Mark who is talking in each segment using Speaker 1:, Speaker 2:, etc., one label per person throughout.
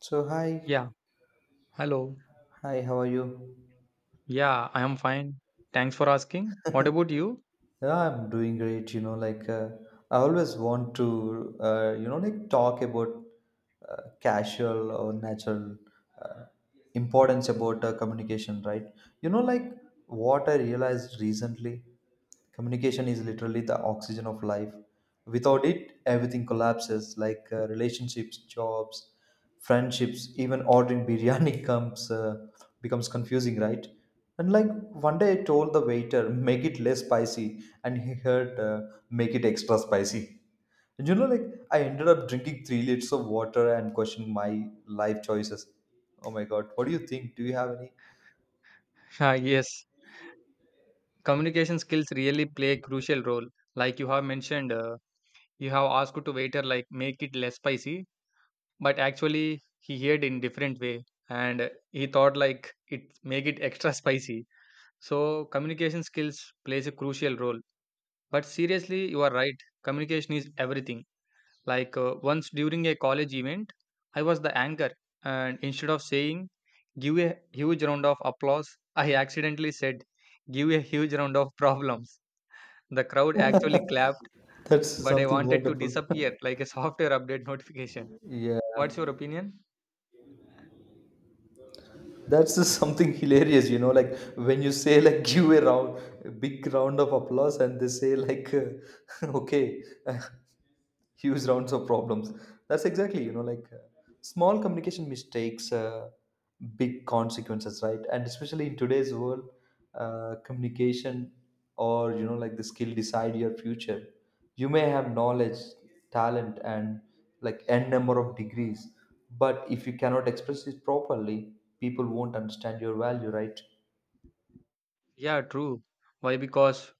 Speaker 1: So hi.
Speaker 2: Yeah, hello.
Speaker 1: Hi, how are you?
Speaker 2: Yeah, I am fine. Thanks for asking. What about you?
Speaker 1: Yeah, I'm doing great. Like I always want to, like talk about casual or natural uh, importance about communication, right? Like what I realized recently, communication is literally the oxygen of life. Without it, everything collapses, like relationships, jobs, friendships, even ordering biryani comes becomes confusing, right? And like one day I told the waiter, make it less spicy, and he heard, make it extra spicy. And like I ended up drinking 3 liters of water and questioning my life choices. Oh my god, what do you think? Do you have any?
Speaker 2: Ah, yes, communication skills really play a crucial role. Like you have mentioned, you have asked to waiter like make it less spicy, but actually he heard in different way and he thought like it make it extra spicy. So communication skills plays a crucial role. But seriously, you are right. Communication is everything. Like once during a college event, I was the anchor, and instead of saying give a huge round of applause, I accidentally said give a huge round of problems. The crowd actually clapped,
Speaker 1: That's
Speaker 2: but I
Speaker 1: something
Speaker 2: wanted to
Speaker 1: wonderful.
Speaker 2: disappear like a software update notification.
Speaker 1: Yeah,
Speaker 2: What's your opinion?
Speaker 1: that's just something hilarious. Like when you say like give a round, a big round of applause, and they say like, okay, huge rounds of problems. That's exactly, like small communication mistakes, big consequences, right? And especially in today's world, communication, or like the skill decide your future. You may have knowledge, talent, and like n number of degrees, but if you cannot express it properly, people won't understand your value, right?
Speaker 2: Yeah, true. Why? Because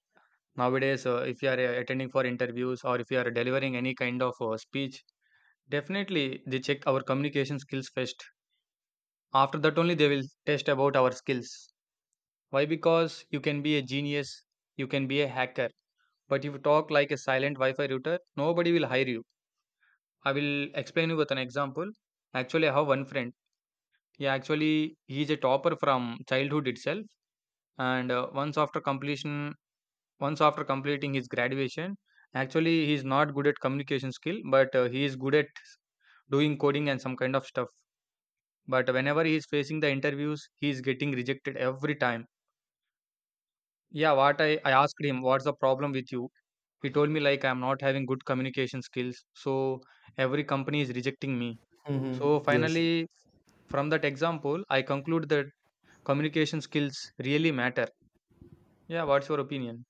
Speaker 2: nowadays, if you are attending for interviews or if you are delivering any kind of speech, definitely they check our communication skills first. After that, only they will test about our skills. Why? Because you can be a genius, you can be a hacker, but if you talk like a silent Wi Fi router, nobody will hire you. I will explain you with an example. Actually, I have one friend. He's a topper from childhood itself, and once after completing his graduation, actually he's not good at communication skill, but he is good at doing coding and some kind of stuff. But whenever he is facing the interviews, he is getting rejected every time. Yeah, what I asked him, what's the problem with you? He told me like I'm not having good communication skills, so every company is rejecting me. So
Speaker 1: Hmm. Yes.
Speaker 2: finally, from that example, I conclude that communication skills really matter. Yeah, what's your opinion?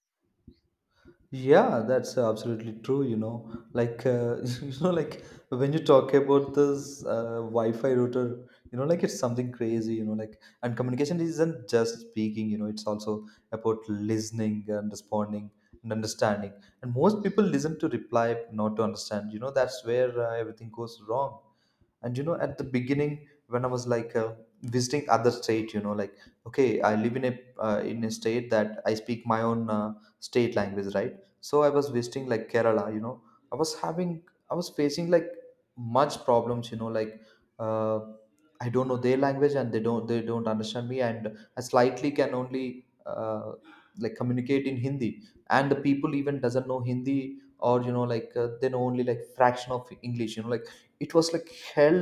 Speaker 1: Yeah, that's absolutely true. Like when you talk about this Wi-Fi router, like it's something crazy. And communication isn't just speaking. It's also about listening and responding and understanding. And most people listen to reply, not to understand. That's where everything goes wrong. And at the beginning, when I was like visiting other state, like okay, I live in a in a state that I speak my own state language, right? So I was visiting like Kerala, you know. i was having I was facing like much problems, uh, I don't know their language, and they don't understand me, and I slightly can only uh, like communicate in Hindi, and the people even doesn't know Hindi, or they know only like fraction of English, like it was like hell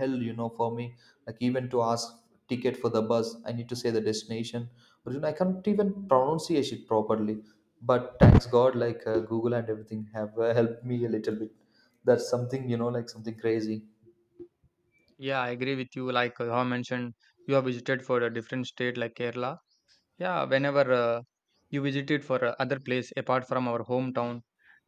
Speaker 1: hell you know, for me. Like even to ask ticket for the bus, I need to say the destination, but I can't even pronunciate it properly. But thanks god, like Google and everything have helped me a little bit. That's something, like something crazy.
Speaker 2: Yeah, I agree with you. Like how I mentioned, you have visited for a different state like Kerala. Yeah, whenever you visited for other place apart from our hometown,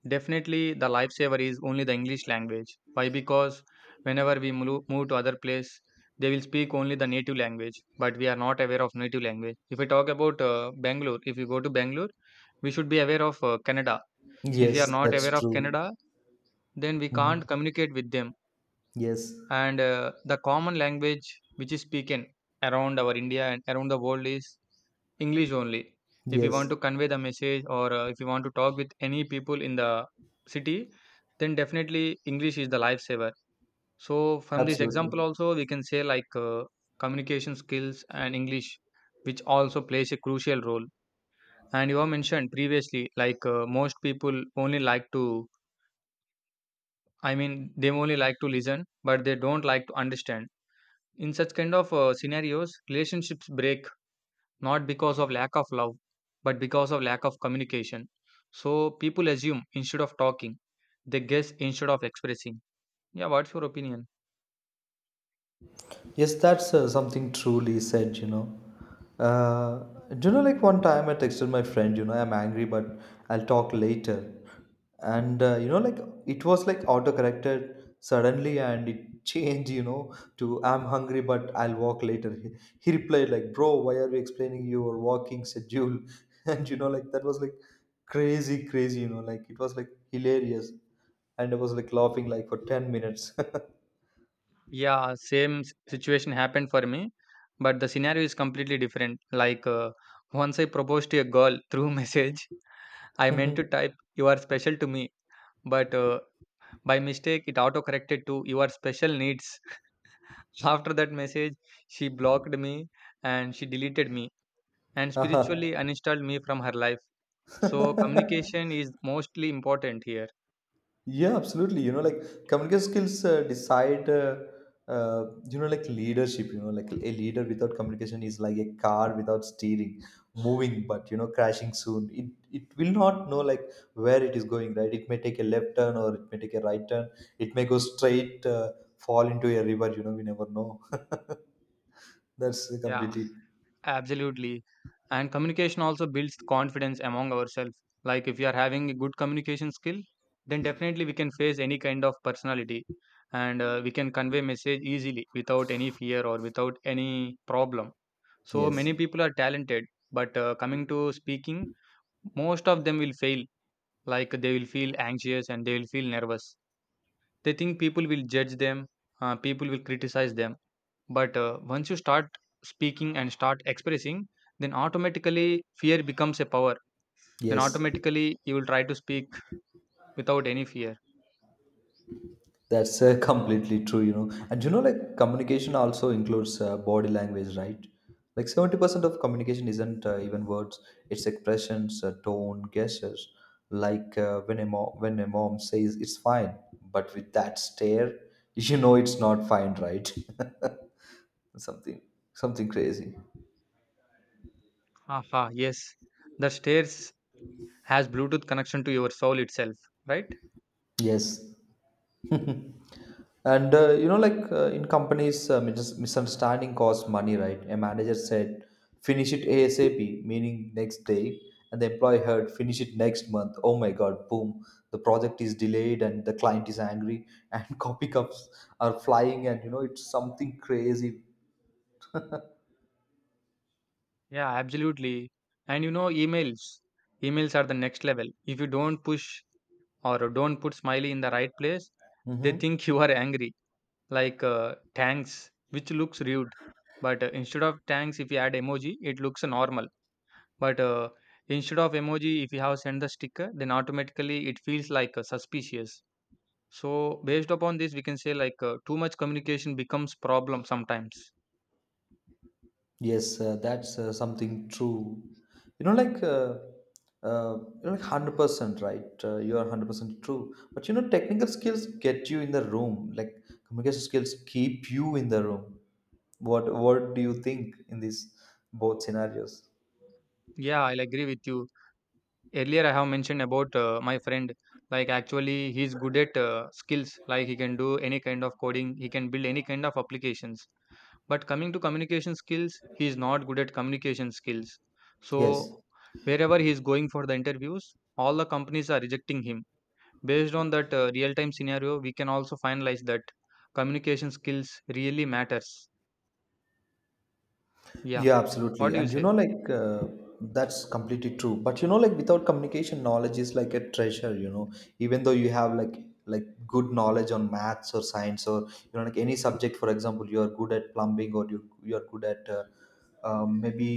Speaker 2: definitely the lifesaver is only the English language. Why? Because whenever we move to other place, they will speak only the native language, but we are not aware of native language. If we talk about Bangalore, if you go to Bangalore, we should be aware of Canada. If
Speaker 1: Yes,
Speaker 2: we are not
Speaker 1: that's
Speaker 2: aware of
Speaker 1: true.
Speaker 2: Canada, then we can't
Speaker 1: Mhm.
Speaker 2: communicate with them,
Speaker 1: Yes.
Speaker 2: and the common language which is spoken around our India and around the world is English only. If you
Speaker 1: Yes.
Speaker 2: want to convey the message, or if you want to talk with any people in the city, then definitely English is the lifesaver. So from this example
Speaker 1: Absolutely.
Speaker 2: also we can say like communication skills and English which also plays a crucial role. And you have mentioned previously like most people only like to, I mean, they only like to listen but they don't like to understand. In such kind of scenarios, relationships break not because of lack of love, but because of lack of communication. So people assume instead of talking, they guess instead of expressing. Yeah, what's your opinion?
Speaker 1: Yes, that's something truly said. Uh, do you know, like one time I texted my friend, I'm angry, but I'll talk later. And, like it was like auto corrected suddenly, and it changed, to I'm hungry, but I'll walk later. He replied, like, bro, why are you explaining your walking schedule? And, like that was like crazy, crazy, like it was like hilarious. And I was like laughing like for 10 minutes.
Speaker 2: Yeah, same situation happened for me, but the scenario is completely different. Like once I proposed to a girl through message, I meant to
Speaker 1: Mhm.
Speaker 2: type "You are special to me," but by mistake it auto corrected to "You are special needs." After that message, she blocked me and she deleted me and
Speaker 1: Haha.
Speaker 2: spiritually uninstalled me from her life. So, communication is mostly important here.
Speaker 1: Yeah, absolutely. Like communication skills decide, like leadership. Like a leader without communication is like a car without steering, moving but crashing soon. It will not know like where it is going. Right? It may take a left turn, or it may take a right turn. It may go straight, fall into a river. We never know. That's
Speaker 2: Yeah,
Speaker 1: completely
Speaker 2: absolutely. And communication also builds confidence among ourselves. Like, if you are having a good communication skill, then definitely we can face any kind of personality, and we can convey message easily without any fear or without any problem. So,
Speaker 1: yes,
Speaker 2: many people are talented, but coming to speaking, most of them will fail. Like, they will feel anxious and they will feel nervous. They think people will judge them, people will criticize them. But once you start speaking and start expressing, then automatically fear becomes a power. Then
Speaker 1: yes.
Speaker 2: automatically you will try to speak without any fear.
Speaker 1: That's completely true. And like communication also includes body language, right? Like 70% of communication isn't even words. It's expressions, tone, gestures. Like when a mom says it's fine, but with that stare, you know it's not fine, right? Something, something crazy.
Speaker 2: Aha, yes, the stairs has bluetooth connection to your soul itself, right?
Speaker 1: Yes. And like in companies, misunderstanding costs money, right? A manager said finish it ASAP, meaning next day, and the employee heard finish it next month. Oh my god, boom, the project is delayed, and the client is angry, and copy cups are flying, and it's something crazy.
Speaker 2: Yeah, absolutely. And you know, emails are the next level. If you don't push or don't put smiley in the right place, they
Speaker 1: Hmm.
Speaker 2: think you are angry. Like tanks, which looks rude, but instead of tanks, if you add emoji it looks normal. But instead of emoji, if you have sent the sticker, then automatically it feels like suspicious. So based upon this, we can say like too much communication becomes problem sometimes.
Speaker 1: Yes, that's something true. You know, like, uh, 100%, right? You are 100% true. But, technical skills get you in the room. Like, communication skills keep you in the room. What do you think in these both scenarios?
Speaker 2: Yeah, I'll agree with you. Earlier I have mentioned about my friend. Like, actually he's good at skills. Like, he can do any kind of coding, he can build any kind of applications, but coming to communication skills, he is not good at communication skills. So
Speaker 1: Yes.
Speaker 2: wherever he is going for the interviews, all the companies are rejecting him. Based on that real time scenario, we can also finalize that communication skills really matters. Yeah,
Speaker 1: Yeah,
Speaker 2: what
Speaker 1: absolutely.
Speaker 2: do you
Speaker 1: And
Speaker 2: say?
Speaker 1: like that's completely true. But like without communication, knowledge is like a treasure. Even though you have like good knowledge on maths or science, or like any subject. For example, you are good at plumbing, or you are good at maybe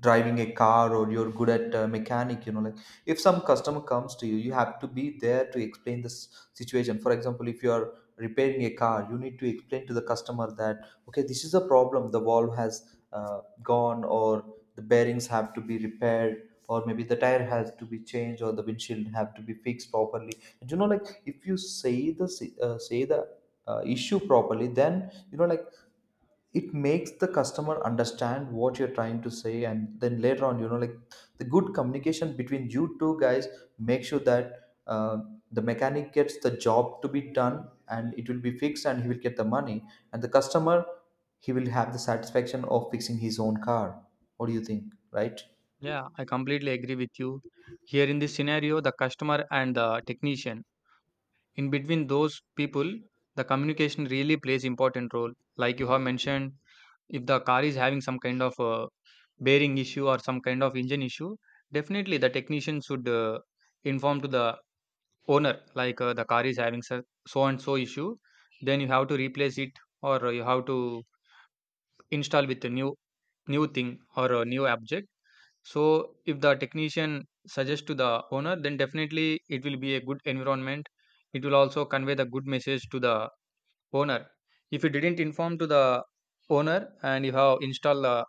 Speaker 1: driving a car, or you're good at mechanic. Like if some customer comes to you, you have to be there to explain this situation. For example, if you are repairing a car, you need to explain to the customer that okay, this is a problem, the valve has gone, or the bearings have to be repaired, or maybe the tire has to be changed, or the windshield have to be fixed properly. And like if you say say the issue properly, then like it makes the customer understand what you're trying to say. And then later on, like the good communication between you two guys make sure that the mechanic gets the job to be done, and it will be fixed, and he will get the money. And the customer, he will have the satisfaction of fixing his own car. What do you think, right?
Speaker 2: Yeah, I completely agree with you. Here in this scenario, the customer and the technician, in between those people the communication really plays important role. Like you have mentioned, if the car is having some kind of bearing issue or some kind of engine issue, definitely the technician should inform to the owner like the car is having so so and so issue. Then you have to replace it, or you have to install with a new thing or a new object. So if the technician suggests to the owner, then definitely it will be a good environment. It will also convey the good message to the owner. If you didn't inform to the owner and you have installed the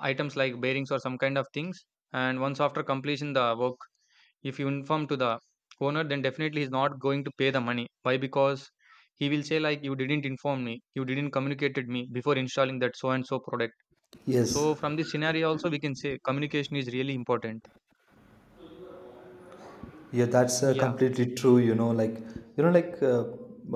Speaker 2: items like bearings or some kind of things, and once after completion the work, if you inform to the owner, then definitely he's not going to pay the money. Why? Because he will say like you didn't inform me, you didn't communicated me before installing that so and so product.
Speaker 1: Yes.
Speaker 2: So from this scenario also we can say communication is really important.
Speaker 1: Yeah, that's
Speaker 2: Yeah,
Speaker 1: completely true. You know, like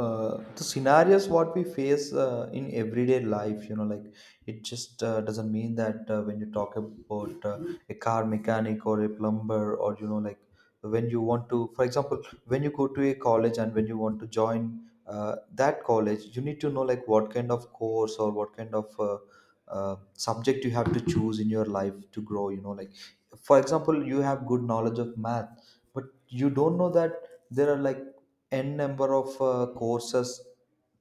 Speaker 1: the scenarios what we face in everyday life. Like it just doesn't mean that when you talk about a car mechanic or a plumber, or like when you want to, for example, when you go to a college and when you want to join that college, you need to know like what kind of course or what kind of subject you have to choose in your life to grow. For example, you have good knowledge of math, but you don't know that there are like n number of courses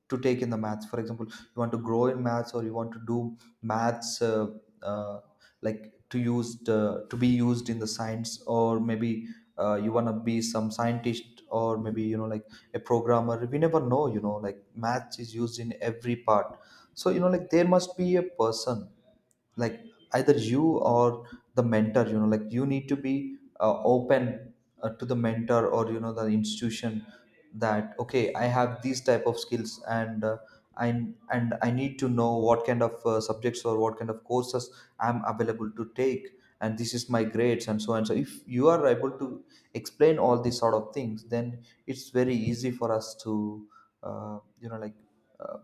Speaker 1: to take in the maths. For example, you want to grow in maths, or you want to do maths uh, like to be used in the science, or maybe you want to be some scientist, or maybe like a programmer. We never know. Like maths is used in every part, so like there must be a person, like either you or the mentor. Like you need to be open to the mentor, or you know the institution, that okay, I have these type of skills, and I, and I need to know what kind of subjects or what kind of courses I'm available to take, and this is my grades, and so on. So if you are able to explain all these sort of things, then it's very easy for us to like uh,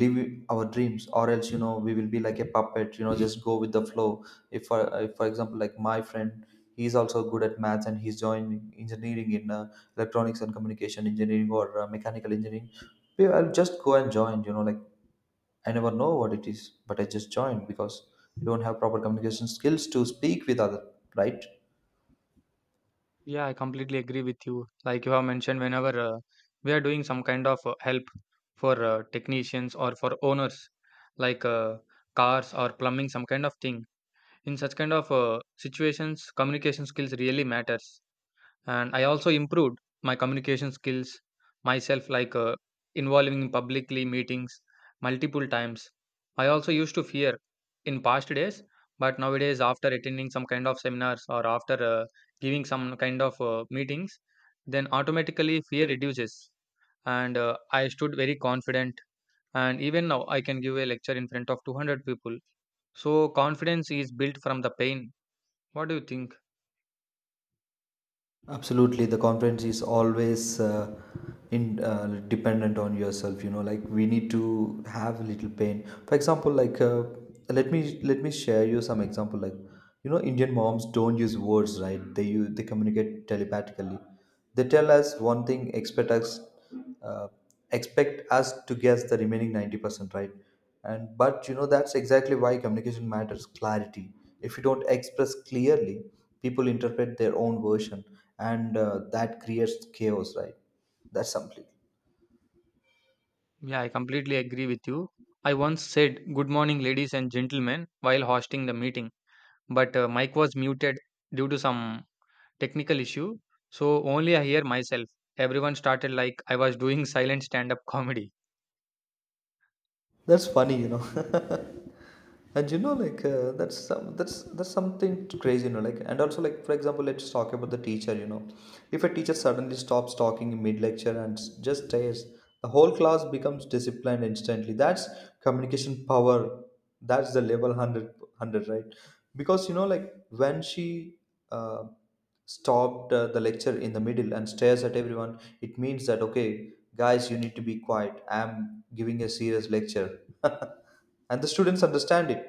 Speaker 1: live our dreams, or else we will be like a puppet, just go with the flow. If for if, for example, like my friend, he's also good at maths, and he's joining engineering in electronics and communication engineering, or mechanical engineering. I'll just go and join, like I never know what it is, but I just joined, because you don't have proper communication skills to speak with other, right?
Speaker 2: yeah, I completely agree with you. Like you have mentioned, whenever we are doing some kind of help for technicians or for owners, like cars or plumbing, some kind of thing. In such kind of situations, communication skills really matters. And I also improved my communication skills myself like involving in publicly meetings multiple times. I also used to fear in past days, but nowadays after attending some kind of seminars or after giving some kind of meetings, then automatically fear reduces, and I stood very confident, and even now I can give a lecture in front of 200 people. So confidence is built from the pain. What do you think?
Speaker 1: Absolutely, the confidence is always in dependent on yourself. Like we need to have a little pain. For example, like let me share you some example. Like Indian moms don't use words, right? They communicate telepathically. They tell us one thing, uh, expect us to guess the remaining 90%, right? And but you know that's exactly why communication matters. Clarity. If you don't express clearly, people interpret their own version, and that creates chaos, right? That's something.
Speaker 2: Yeah, I completely agree with you. I once said, "Good morning, ladies and gentlemen," while hosting the meeting, but mic was muted due to some technical issue. So only I hear myself. Everyone started like I was doing silent stand up comedy.
Speaker 1: That's funny, you know. And you know, like that's something crazy, you know, like. And also, like, for example, let's talk about the teacher. You know, if a teacher suddenly stops talking in mid lecture and just stares, the whole class becomes disciplined instantly. That's communication power. That's the level 100, right? Because you know, like when she uh, stopped the lecture in the middle and stares at everyone, it means that, okay, guys, you need to be quiet, I'm giving a serious lecture. And the students understand it.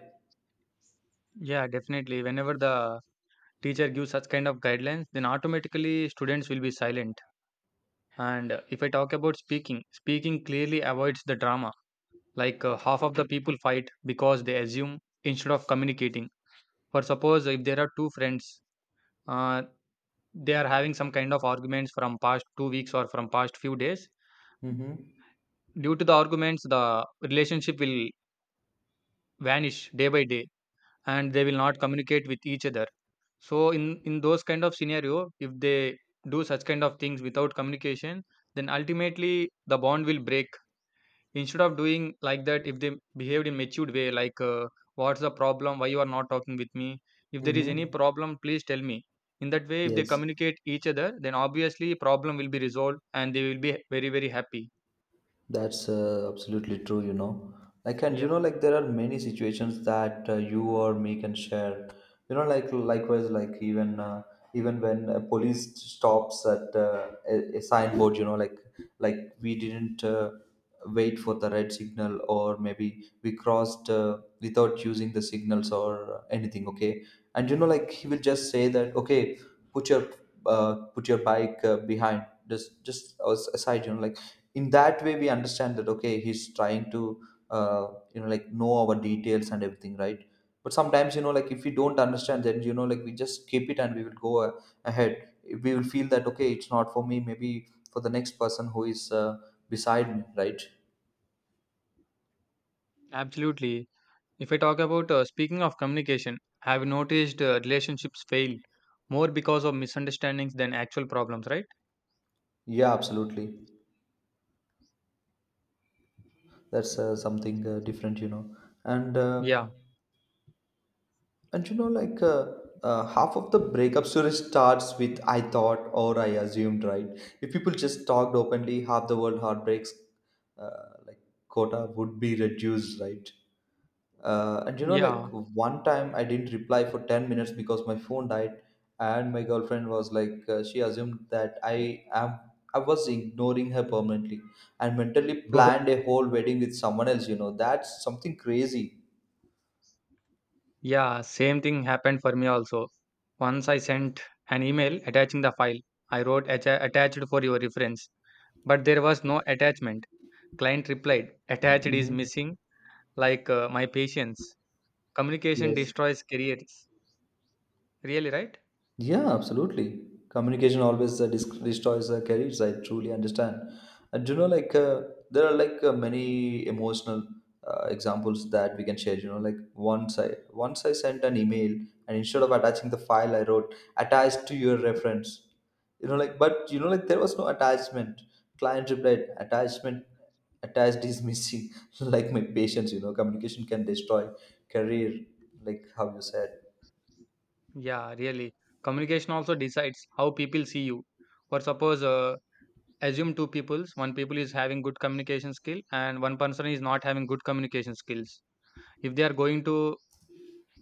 Speaker 2: Yeah, definitely. Whenever the teacher gives such kind of guidelines, then automatically students will be silent. And if I talk about speaking, speaking clearly avoids the drama. Like half of the people fight because they assume instead of communicating. For suppose, if there are two friends, uh, they are having some kind of arguments from past 2 weeks or from past few days.
Speaker 1: Mm-hmm.
Speaker 2: Due to the arguments, the relationship will vanish day by day, and they will not communicate with each other. So in those kind of scenario, if they do such kind of things without communication, then ultimately the bond will break. Instead of doing like that, if they behaved in matured way like what's the problem, why you are not talking with me, if there is any
Speaker 1: Mm-hmm.
Speaker 2: problem please tell me, in that way if they
Speaker 1: Yes.
Speaker 2: communicate each other, then obviously problem will be resolved and they will be very very happy.
Speaker 1: That's absolutely true, you know. Like, and you
Speaker 2: Yeah,
Speaker 1: know, like there are many situations that you or me can share. You know, like, likewise, like even when a police stops at a signboard, you know, like, like we didn't wait for the red signal, or maybe we crossed without using the signals or anything. Okay, and you know, like he will just say that, okay, put your put your bike behind, just aside, you know, like, in that way we understand that, okay, he's trying to uh, you know, like, know our details and everything, right? But sometimes, you know, like if we don't understand, then you know, like we just skip it and we will go ahead. We will feel that, okay, it's not for me, maybe for the next person who is beside me, right?
Speaker 2: absolutely. If I talk about speaking of communication, I have noticed relationships fail more because of misunderstandings than actual problems, right?
Speaker 1: Yeah, absolutely. That's something different, you know. And
Speaker 2: Yeah,
Speaker 1: And you know, like, half of the breakup story starts with I thought or I assumed, right? If people just talked openly, half the world heartbreaks, like, quota would be reduced, right? And you know, like,
Speaker 2: yeah.
Speaker 1: one time I didn't reply for 10 minutes because my phone died, and my girlfriend was like, she assumed that I am. I was ignoring her permanently and mentally planned a whole wedding with someone else, you know. That's something crazy.
Speaker 2: Yeah, same thing happened for me also. Once I sent an email attaching the file. I wrote, attached for your reference," but there was no attachment. Client replied, attached is
Speaker 1: Mm-hmm.
Speaker 2: missing, like my patience. Communication
Speaker 1: Yes.
Speaker 2: destroys careers. Really, right?
Speaker 1: Yeah, absolutely. Communication always destroys careers. I truly understand. And you know, like, there are like, many emotional examples that we can share. You know, like, once I sent an email, and instead of attaching the file, I wrote attached to your reference. You know, like, but you know, like there was no attachment. Client replied, attachment attached is missing. Like my patience, you know, communication can destroy career, like how you said.
Speaker 2: Yeah, really. Communication also decides how people see you. For suppose, assume two peoples, one people is having good communication skill and one person is not having good communication skills. If they are going to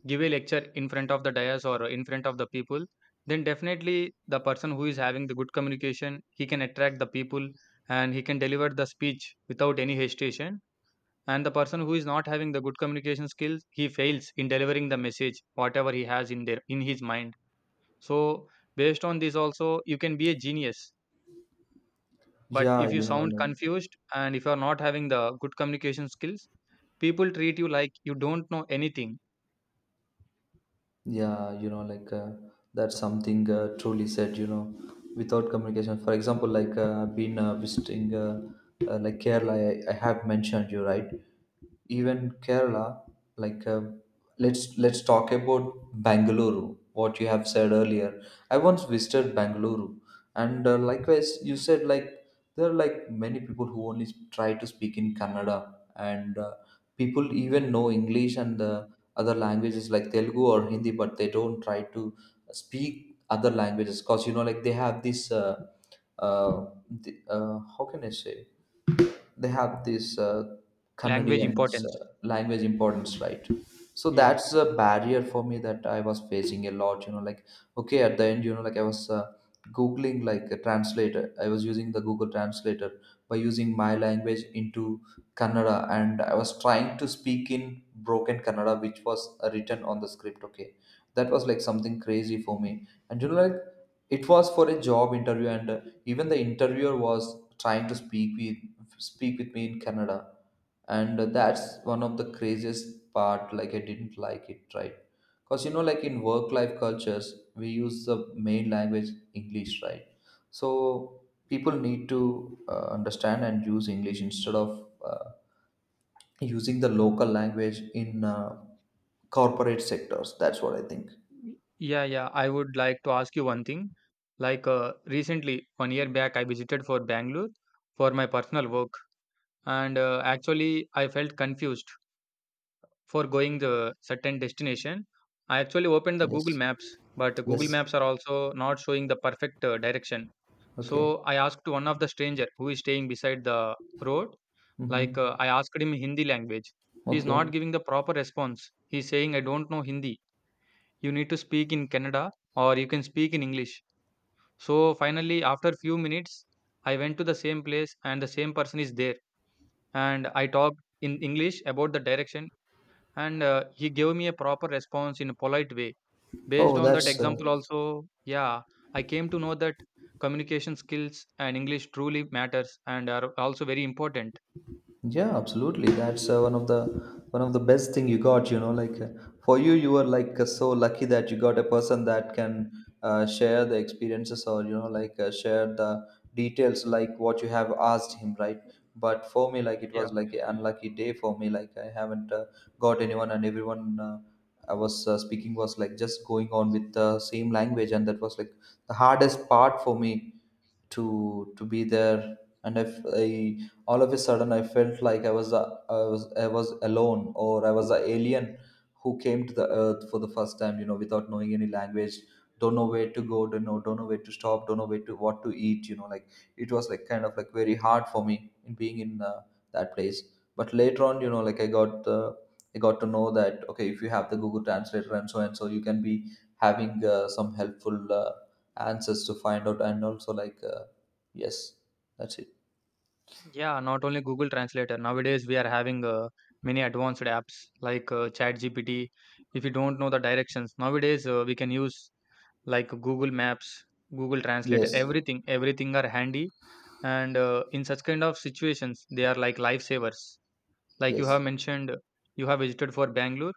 Speaker 2: give a lecture in front of the dais or in front of the people, then definitely the person who is having the good communication, he can attract the people and he can deliver the speech without any hesitation. And the person who is not having the good communication skills, he fails in delivering the message whatever he has in there in his mind. So based on this also, you can be a genius. But
Speaker 1: Yeah,
Speaker 2: if you
Speaker 1: you know,
Speaker 2: sound
Speaker 1: like.
Speaker 2: confused and if you are not having the good communication skills, people treat you like you don't know anything.
Speaker 1: Yeah, you know, like, that's something truly said, you know, without communication. For example, like I've been visiting like Kerala, I have mentioned you, right? Even Kerala, like uh, let's talk about Bangalore, what you have said earlier. I once visited Bangalore, and likewise, you said, like, there are, like, many people who only try to speak in Kannada, and people even know English and other languages like Telugu or Hindi, but they don't try to speak other languages, because you know, like they have this uh, how can I say, they have this
Speaker 2: Language
Speaker 1: Canadians
Speaker 2: importance,
Speaker 1: language importance, right? So
Speaker 2: yeah.
Speaker 1: that's a barrier for me that I was facing a lot, you know, like. Okay, at the end, you know, like I was googling, like, a translator. I was using the Google translator by using my language into Kannada, and I was trying to speak in broken Kannada, which was written on the script. Okay, that was like something crazy for me. And you know, like, it was for a job interview, and even the interviewer was trying to speak with me in Kannada, and that's one of the craziest part. Like, I didn't like it, right? Because you know, like, in work life cultures, we use the main language English, right? So people need to understand and use English instead of using the local language in corporate sectors. That's what I think.
Speaker 2: Yeah, yeah. I would like to ask you one thing. Recently, 1 year back, I visited for Bangalore for my personal work, and actually, I felt confused for going the certain destination. I actually opened the Google
Speaker 1: Yes.
Speaker 2: Maps, but Google
Speaker 1: Yes.
Speaker 2: Maps are also not showing the perfect direction.
Speaker 1: Okay.
Speaker 2: So I asked one of the stranger who is staying beside the road.
Speaker 1: Mm-hmm.
Speaker 2: I asked him in Hindi language. He is not
Speaker 1: Okay.
Speaker 2: giving the proper response. He's saying I don't know Hindi, you need to speak in Kannada or you can speak in English. So finally, after few minutes, I went to the same place and the same person is there. And I talked in English about the direction, and he gave me a proper response in a polite way. Based
Speaker 1: Oh,
Speaker 2: on that
Speaker 1: that's
Speaker 2: example, also, yeah, I came to know that communication skills and English truly matters and are also very important.
Speaker 1: yeah, absolutely. That's one of the best thing you got. You know, like, for you, you were like, so lucky that you got a person that can share the experiences, or you know, like, share the details, like what you have asked him, right? But for me, like, it was
Speaker 2: Yeah.
Speaker 1: like an unlucky day for me. Like, I haven't got anyone, and everyone I was speaking was like just going on with the same language, and that was like the hardest part for me to be there. And if I all of a sudden I felt like I was alone, or I was an alien who came to the earth for the first time, you know, without knowing any language. Don't know where to go, don't know where to stop, don't know where to what to eat, you know, like, it was like kind of like very hard for me in being in that place. But later on, you know, like, I got to know that, okay, if you have the Google translator and so and so, you can be having some helpful answers to find out. And also, like, yes, that's it.
Speaker 2: Yeah, not only Google Translator. Nowadays, we are having many advanced apps like ChatGPT. If you don't know the directions, nowadays we can use like Google Maps, Google Translator,
Speaker 1: Yes.
Speaker 2: everything. Everything are handy. And in such kind of situations, they are like lifesavers. Like you
Speaker 1: Yes.
Speaker 2: have mentioned, you have visited for Bangalore.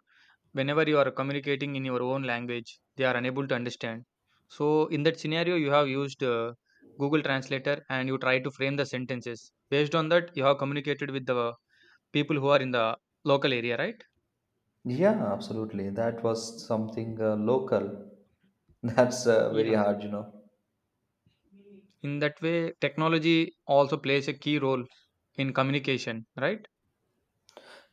Speaker 2: Whenever you are communicating in your own language, they are unable to understand. So in that scenario, you have used Google Translator and you try to frame the sentences. Based on that, you have communicated with the people who are in the local area, right?
Speaker 1: Yeah, absolutely. That was something local. That's very
Speaker 2: Yeah.
Speaker 1: hard, you know.
Speaker 2: In that way, technology also plays a key role in communication, right?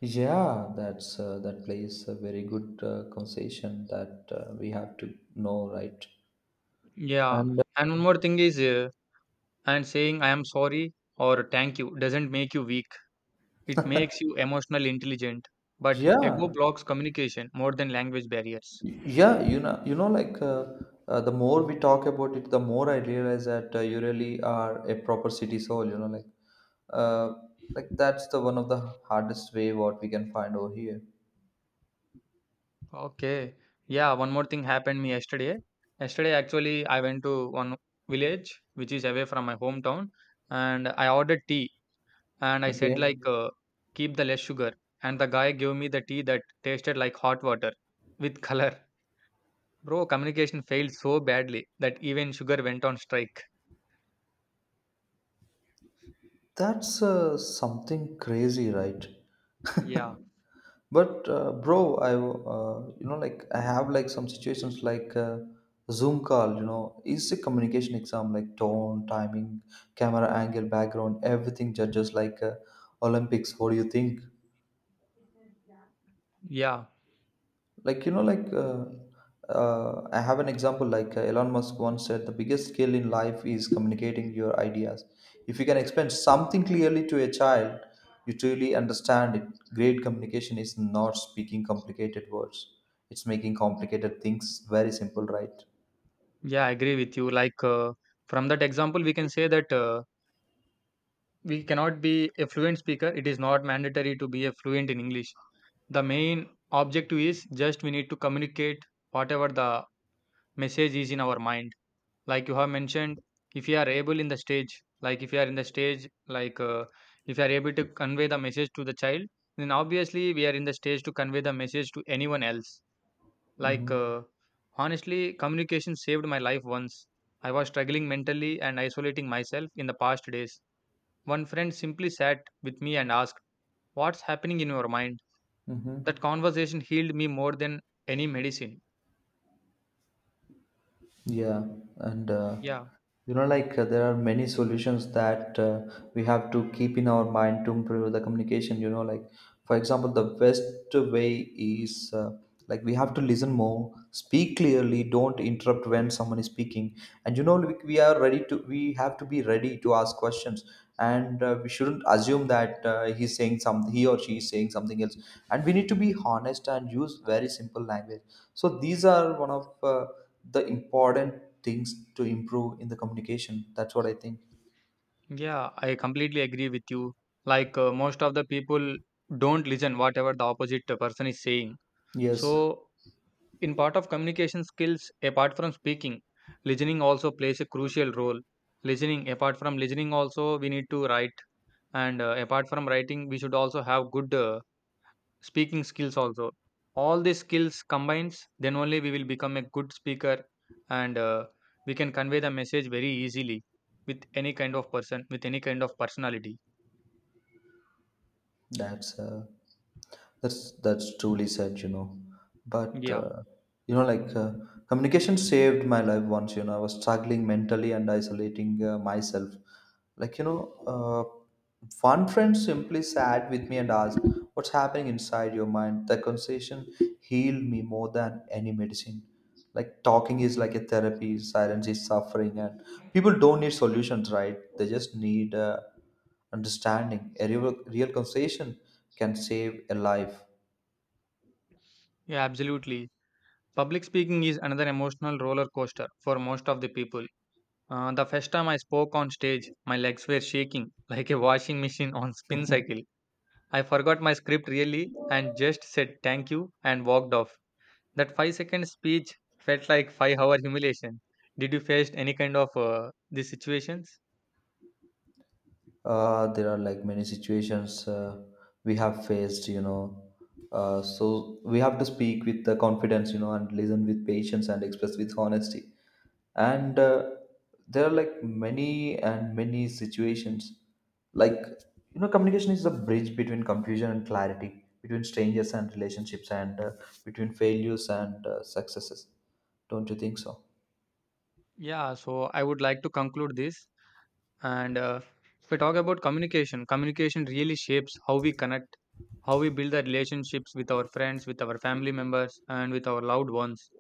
Speaker 1: Yeah, that's that plays a very good conversation that we have to know, right?
Speaker 2: Yeah.
Speaker 1: And
Speaker 2: And one more thing is, and saying I am sorry or thank you doesn't make you weak. It makes you emotional intelligent, but ego
Speaker 1: yeah.
Speaker 2: blocks communication more than language barriers.
Speaker 1: Yeah, you know. You know, like, the more we talk about it, the more I realize that you really are a proper city soul. You know, like, uh, like that's the one of the hardest way what we can find over here.
Speaker 2: Okay. Yeah, one more thing happened me yesterday. Yesterday actually I went to one village which is away from my hometown and I ordered tea, and I said
Speaker 1: Okay.
Speaker 2: like keep the less sugar, and the guy gave me the tea that tasted like hot water with color. Bro, communication failed so badly that even sugar went on strike.
Speaker 1: That's something crazy, right?
Speaker 2: Yeah.
Speaker 1: But bro, I you know, like, I have like some situations like Zoom call, you know, it's a communication exam like tone, timing, camera angle, background, everything judges like Olympics. What do you think?
Speaker 2: Yeah.
Speaker 1: Like, you know, like, I have an example like Elon Musk once said the biggest skill in life is communicating your ideas. If you can explain something clearly to a child, you truly understand it. Great communication is not speaking complicated words. It's making complicated things very simple, right?
Speaker 2: Yeah, I agree with you. From that example we can say that we cannot be a fluent speaker. It is not mandatory to be a fluent in English. The main objective is just we need to communicate whatever the message is in our mind. Like you have mentioned, if you are able in the stage, like if you are in the stage, like uh, if you are able to convey the message to the child, then obviously we are in the stage to convey the message to anyone else. like
Speaker 1: Mm-hmm.
Speaker 2: uh, Honestly, communication saved my life once. I was struggling mentally and isolating myself in the past days. One friend simply sat with me and asked, "What's happening in your mind?"
Speaker 1: Mm-hmm.
Speaker 2: That conversation healed me more than any medicine.
Speaker 1: Yeah, and
Speaker 2: Yeah,
Speaker 1: you know, like, there are many solutions that we have to keep in our mind to improve the communication. You know, like, for example, the best way is we have to listen more, speak clearly, don't interrupt when someone is speaking, and you know, we are ready to we have to be ready to ask questions, and we shouldn't assume that he's saying something, he or she is saying something else, and we need to be honest and use very simple language. So these are one of the important things to improve in the communication. That's what I think.
Speaker 2: yeah, I completely agree with you. Most of the people don't listen whatever the opposite person is saying.
Speaker 1: Yes,
Speaker 2: So, in part of communication skills, apart from speaking, listening also plays a crucial role. Listening, apart from listening, also we need to write, and apart from writing, we should also have good speaking skills also. All these skills combines, then only we will become a good speaker, and we can convey the message very easily with any kind of person, with any kind of personality.
Speaker 1: that's uh, that's truly said, you know. But
Speaker 2: Yeah.
Speaker 1: you know, like, communication saved my life once. You know, I was struggling mentally and isolating myself. Like, you know, one friend simply sat with me and asked, "What's happening inside your mind?" That conversation healed me more than any medicine. Like, talking is like a therapy. Silence is suffering, and people don't need solutions, right? They just need. Understanding a real, real conversation can save a life.
Speaker 2: Yeah, absolutely. Public speaking is another emotional roller coaster for most of the people. The first time I spoke on stage, my legs were shaking like a washing machine on spin cycle. I forgot my script, really, and just said thank you and walked off. That 5 second speech felt like 5 hour humiliation. Did you face any kind of these situations?
Speaker 1: There are like many situations we have faced, you know. So we have to speak with the confidence, you know, and listen with patience and express with honesty. And there are like many and many situations. Like, you know, communication is the bridge between confusion and clarity, between strangers and relationships, and between failures and successes. Don't you think so?
Speaker 2: Yeah, so I would like to conclude this. And if we talk about communication, communication really shapes how we connect, how we build the relationships with our friends, with our family members, and with our loved ones,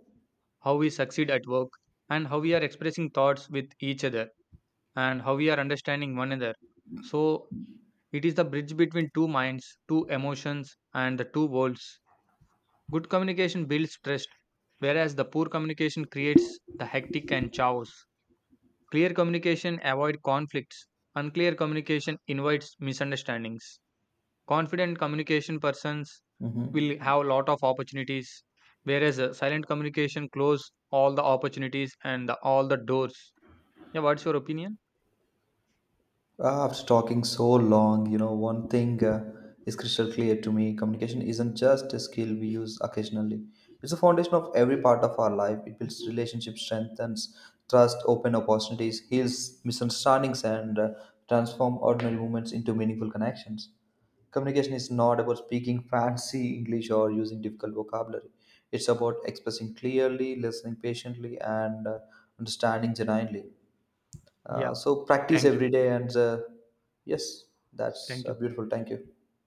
Speaker 2: how we succeed at work, and how we are expressing thoughts with each other, and how we are understanding one another. So it is the bridge between two minds, two emotions, and the two worlds. Good communication builds trust, whereas the poor communication creates the hectic and chaos. Clear communication avoids conflicts. Unclear communication invites misunderstandings. Confident communication persons will
Speaker 1: Mm-hmm.
Speaker 2: have a lot of opportunities, whereas silent communication close all the opportunities and the, all the doors. Yeah, what's your opinion?
Speaker 1: Ah, after talking so long, you know, one thing is crystal clear to me. Communication isn't just a skill we use occasionally. It's the foundation of every part of our life. It builds relationships, strengthens trust, open opportunities, heals misunderstandings, and transform ordinary moments into meaningful connections. Communication is not about speaking fancy English or using difficult vocabulary. It's about expressing clearly, listening patiently, and understanding genuinely.
Speaker 2: Yeah.
Speaker 1: So practice
Speaker 2: Thank you.
Speaker 1: every day, and yes, that's
Speaker 2: Thank you.
Speaker 1: beautiful. Thank you.